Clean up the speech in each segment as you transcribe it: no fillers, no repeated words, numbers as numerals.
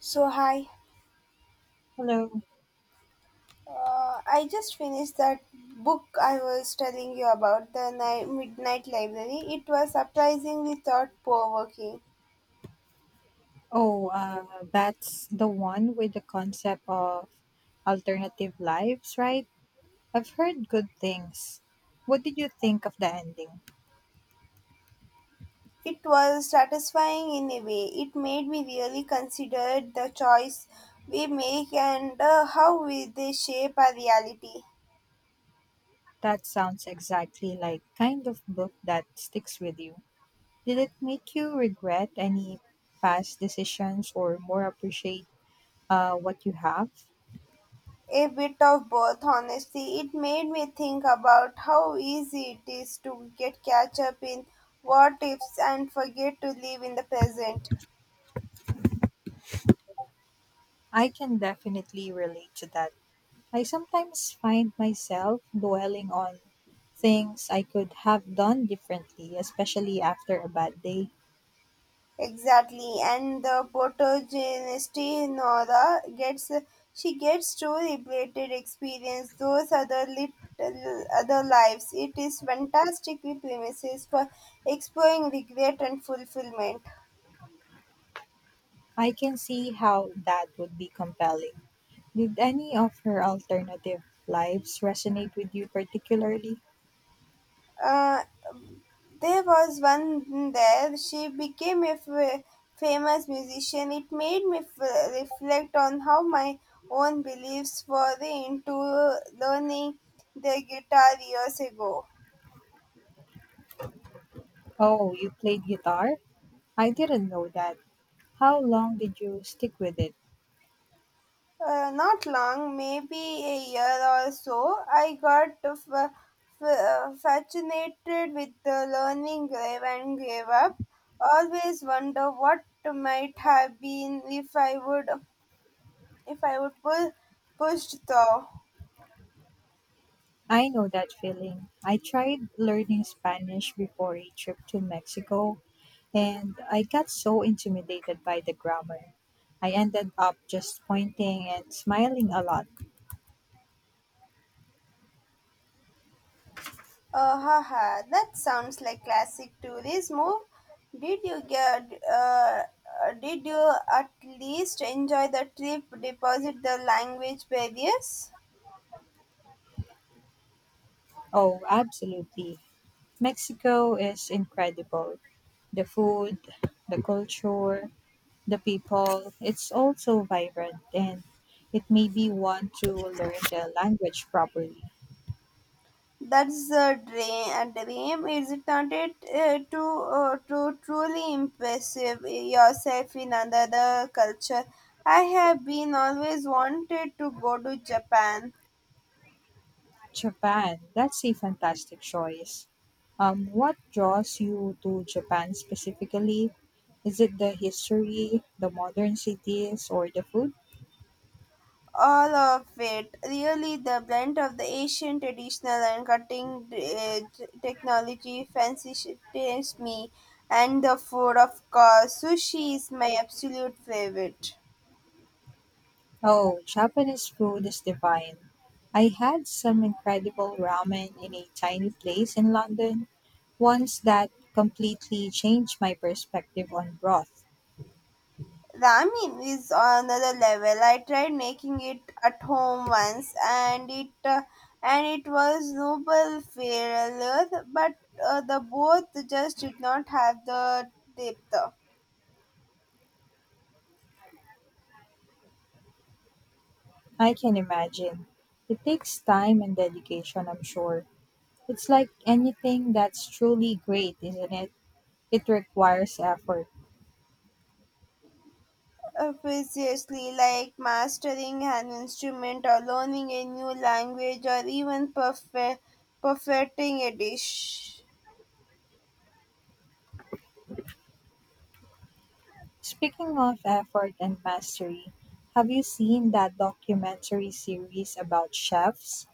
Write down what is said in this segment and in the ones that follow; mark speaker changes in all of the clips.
Speaker 1: So, hi.
Speaker 2: Hello.
Speaker 1: I just finished that book I was telling you about, The Midnight Library. It was surprisingly thought provoking.
Speaker 2: Oh, that's the one with the concept of alternative lives, right? I've heard good things. What did you think of the ending?
Speaker 1: It was satisfying in a way. It made me really consider the choice we make and how we, they shape our reality.
Speaker 2: That sounds exactly like kind of book that sticks with you. Did it make you regret any past decisions or more appreciate what you have?
Speaker 1: A bit of both, honestly. It made me think about how easy it is to get catch up in what ifs and forget to live in the present.
Speaker 2: I can definitely relate to that. I sometimes find myself dwelling on things I could have done differently, especially after a bad day.
Speaker 1: Exactly, and the protagonist Nora gets she gets to repeated experience those other little other lives. It is fantastically premises for exploring regret and fulfillment.
Speaker 2: I can see how that would be compelling. Did any of her alternative lives resonate with you particularly?
Speaker 1: Uh, there was one there. She became a famous musician. It made me reflect on how my own beliefs were into learning the guitar years ago.
Speaker 2: Oh, you played guitar? I didn't know that. How long did you stick with it?
Speaker 1: Not long, maybe a year or so, I got fascinated with the learning grave and gave up. Always wonder what might have been if I would pull pushed through.
Speaker 2: I know that feeling. I tried learning Spanish before a trip to Mexico, and I got so intimidated by the grammar. I ended up just pointing and smiling a lot.
Speaker 1: Haha, that sounds like classic tourist move. Did you get did you at least enjoy the trip, deposit the language barriers?
Speaker 2: Oh, absolutely. Mexico is incredible. The food, the culture, the people, it's all so vibrant and it made me want to learn the language properly.
Speaker 1: That's the dream. A dream, isn't it? To to truly impressive yourself in another culture. I have been always wanted to go to Japan.
Speaker 2: Japan, that's a fantastic choice. What draws you to Japan specifically? Is it the history, the modern cities, or the food?
Speaker 1: All of it, really, the blend of the Asian traditional and cutting technology fascinates me, and the food, of course. Sushi is my absolute favorite.
Speaker 2: Oh, Japanese food is divine. I had some incredible ramen in a tiny place in London once that completely changed my perspective on broth.
Speaker 1: Ramen is another level. I tried making it at home once, and it was noble failure, but the both just did not have the depth.
Speaker 2: I can imagine. It takes time and dedication, I'm sure. It's like anything that's truly great, isn't it? It requires effort.
Speaker 1: Precisely like mastering an instrument or learning a new language or even perfecting a dish.
Speaker 2: Speaking of effort and mastery, have you seen that documentary series about chefs?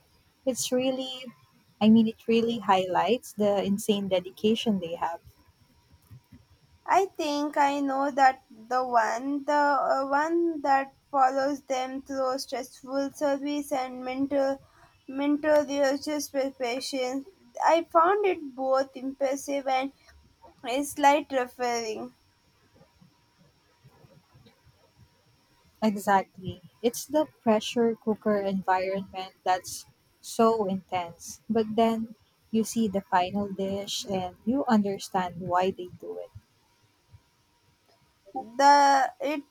Speaker 2: It's really, I mean, it really highlights the insane dedication they have.
Speaker 1: I think I know that the one that follows them through stressful service and mental religious preparation. I found it both impressive and a slight referring.
Speaker 2: Exactly. It's the pressure cooker environment that's so intense. But then you see the final dish and you understand why they do it.
Speaker 1: The it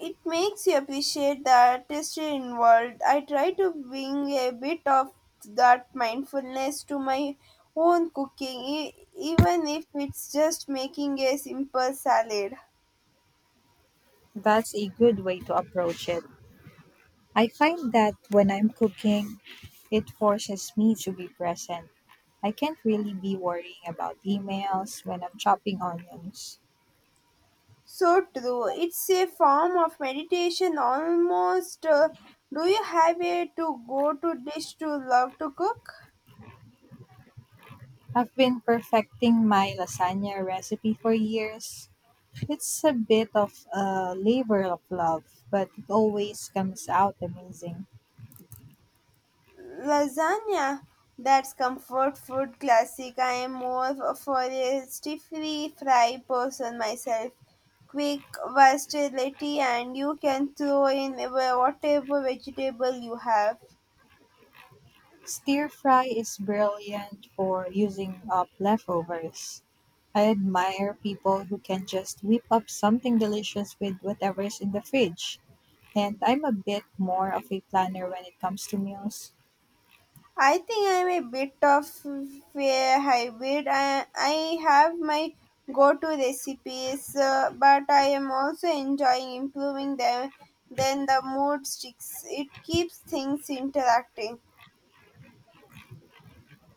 Speaker 1: it makes you appreciate the artistry involved. I try to bring a bit of that mindfulness to my own cooking, even if it's just making a simple salad.
Speaker 2: That's a good way to approach it. I find that when I'm cooking, it forces me to be present. I can't really be worrying about emails when I'm chopping onions.
Speaker 1: So true. It's a form of meditation almost. Do you have a to go to dish to love to cook?
Speaker 2: I've been perfecting my lasagna recipe for years. It's a bit of a labor of love, but it always comes out amazing.
Speaker 1: Lasagna. That's comfort food classic. I am more for a stiffly fried person myself. Quick versatility and you can throw in whatever vegetable you have.
Speaker 2: Stir fry is brilliant for using up leftovers. I admire people who can just whip up something delicious with whatever's in the fridge, and I'm a bit more of a planner when it comes to meals.
Speaker 1: I think I'm a bit of a hybrid. I have my go to recipes, but I am also enjoying improving them. Then the mood sticks. It keeps things interacting.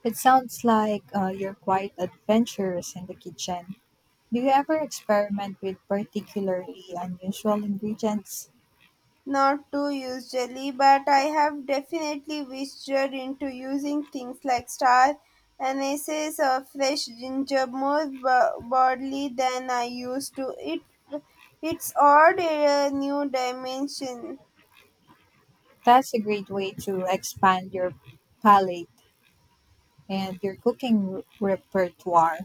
Speaker 2: It sounds like you're quite adventurous in the kitchen. Do you ever experiment with particularly unusual ingredients?
Speaker 1: Not too usually, but I have definitely ventured into using things like star anise or fresh ginger more broadly than I used to. It's odd a new dimension.
Speaker 2: That's a great way to expand your palate and your cooking repertoire.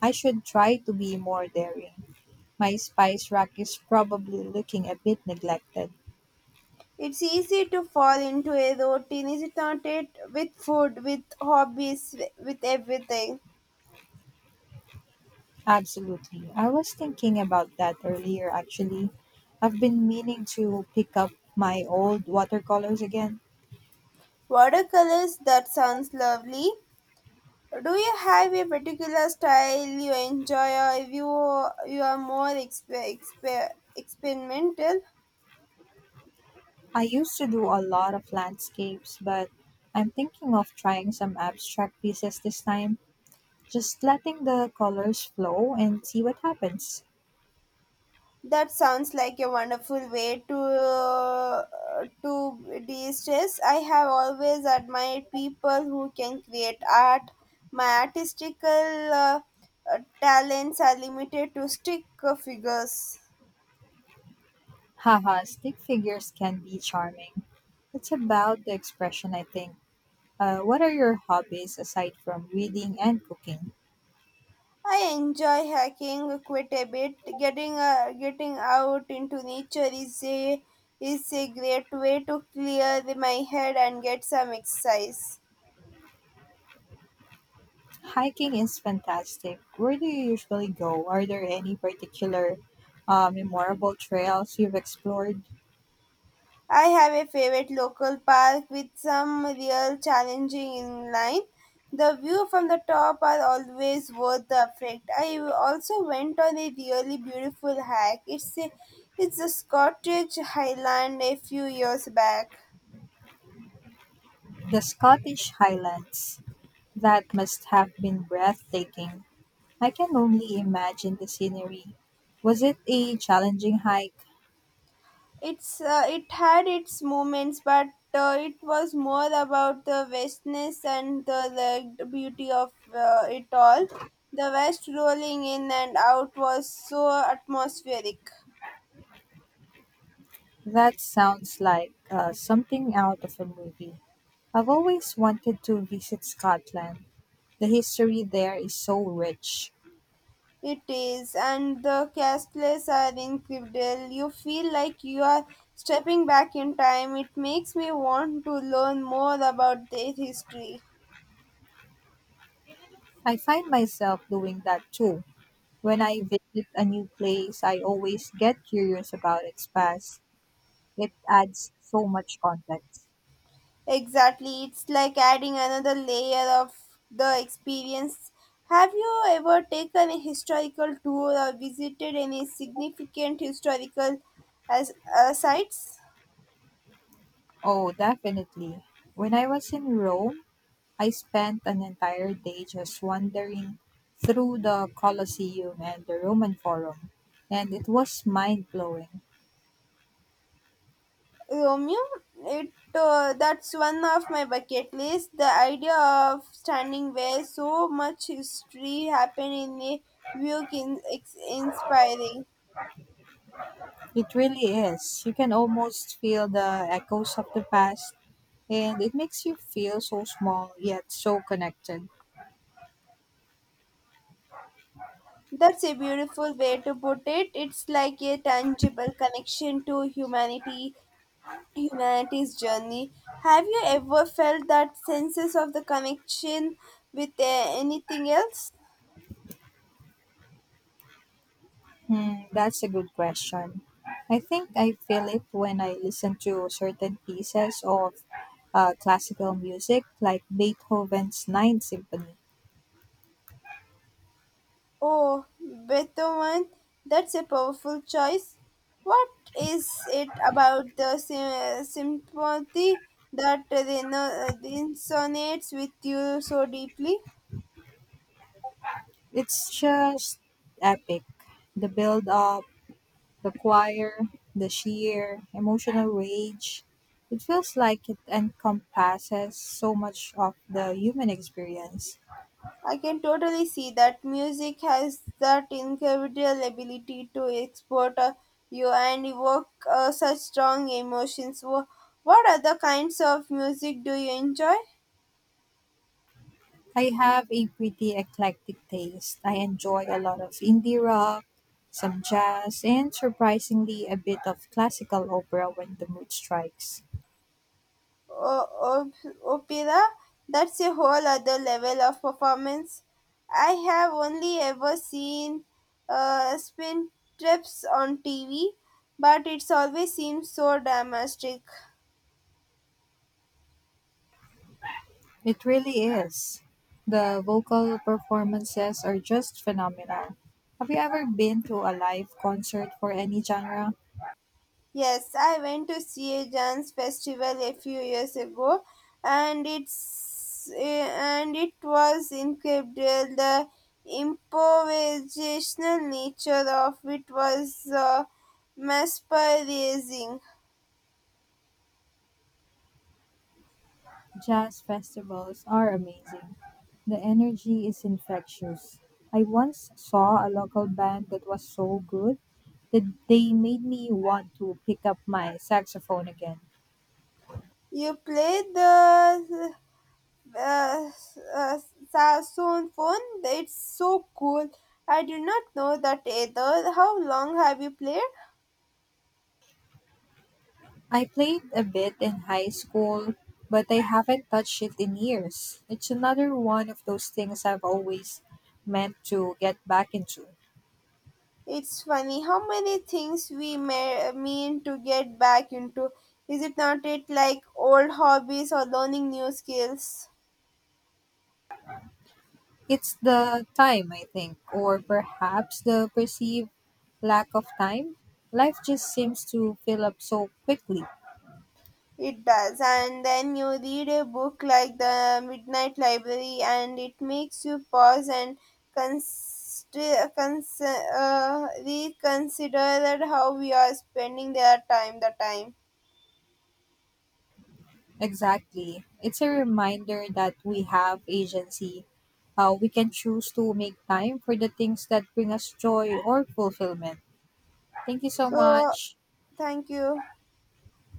Speaker 2: I should try to be more daring. My spice rack is probably looking a bit neglected.
Speaker 1: It's easy to fall into a routine, is it not? It with food, with hobbies, with everything.
Speaker 2: Absolutely. I was thinking about that earlier, actually. I've been meaning to pick up my old watercolors again.
Speaker 1: Watercolors, that sounds lovely. Do you have a particular style you enjoy, or if you are more experimental?
Speaker 2: I used to do a lot of landscapes, but I'm thinking of trying some abstract pieces this time, just letting the colors flow and see what happens.
Speaker 1: That sounds like a wonderful way to de-stress. I have always admired people who can create art. My artistical talents are limited to stick figures.
Speaker 2: Haha, stick figures can be charming. It's about the expression, I think. What are your hobbies aside from reading and cooking?
Speaker 1: I enjoy hiking quite a bit. Getting out into nature is a great way to clear my head and get some exercise.
Speaker 2: Hiking is fantastic. Where do you usually go? Are there any particular memorable trails you've explored?
Speaker 1: I have a favorite local park with some real challenging inline. The view from the top are always worth the effect. I also went on a really beautiful hike. It's a Scottish Highland a few years back.
Speaker 2: The Scottish Highlands. That must have been breathtaking. I can only imagine the scenery. Was it a challenging hike?
Speaker 1: It had its moments, but it was more about the vastness and the beauty of it all. The west rolling in and out was so atmospheric.
Speaker 2: That sounds like something out of a movie. I've always wanted to visit Scotland. The history there is so rich.
Speaker 1: It is, and the castles are incredible. You feel like you are stepping back in time. It makes me want to learn more about their history.
Speaker 2: I find myself doing that too. When I visit a new place, I always get curious about its past. It adds so much context.
Speaker 1: Exactly, it's like adding another layer of the experience. Have you ever taken a historical tour or visited any significant historical sites?
Speaker 2: Oh, definitely. When I was in Rome, I spent an entire day just wandering through the Colosseum and the Roman Forum, and it was mind blowing.
Speaker 1: Romeo, it that's one of my bucket list. The idea of standing where so much history happened in a view can inspiring.
Speaker 2: It really is. You can almost feel the echoes of the past, and it makes you feel so small yet so connected.
Speaker 1: That's a beautiful way to put it. It's like a tangible connection to humanity, humanity's journey. Have you ever felt that sense of the connection with anything else?
Speaker 2: Hmm, that's a good question. I think I feel it when I listen to certain pieces of classical music, like Beethoven's Ninth Symphony.
Speaker 1: Oh, Beethoven, that's a powerful choice. What is it about the symphony that resonates with you so deeply?
Speaker 2: It's just epic. The build up, the choir, the sheer emotional rage. It feels like it encompasses so much of the human experience.
Speaker 1: I can totally see that music has that incredible ability to export you and evoke such strong emotions. What other kinds of music do you enjoy?
Speaker 2: I have a pretty eclectic taste. I enjoy a lot of indie rock, some jazz, and surprisingly a bit of classical opera when the mood strikes.
Speaker 1: O opera, that's a whole other level of performance. I have only ever seen spin trips on TV, but it's always seems so dramatic.
Speaker 2: It really is. The vocal performances are just phenomenal. Have you ever been to a live concert for any genre?
Speaker 1: Yes, I went to see a dance festival a few years ago, and it was incredible. The improvisational nature of it was mesmerizing.
Speaker 2: Jazz festivals are amazing. The energy is infectious. I once saw a local band that was so good that they made me want to pick up my saxophone again.
Speaker 1: You play the uh, uh, saxophone? It's so cool. I did not know that either. How long have you played?
Speaker 2: I played a bit in high school, but I haven't touched it in years. It's another one of those things I've always meant to get back into.
Speaker 1: It's funny how many things we mean to get back into. Is it not it like old hobbies or learning new skills?
Speaker 2: It's the time, I think, or perhaps the perceived lack of time. Life just seems to fill up so quickly.
Speaker 1: It does. And then you read a book like The Midnight Library, and it makes you pause and cons- reconsider that how we are spending the time.
Speaker 2: Exactly. It's a reminder that we have agency. We can choose to make time for the things that bring us joy or fulfillment. Thank you so
Speaker 1: So,
Speaker 2: much.
Speaker 1: thank you.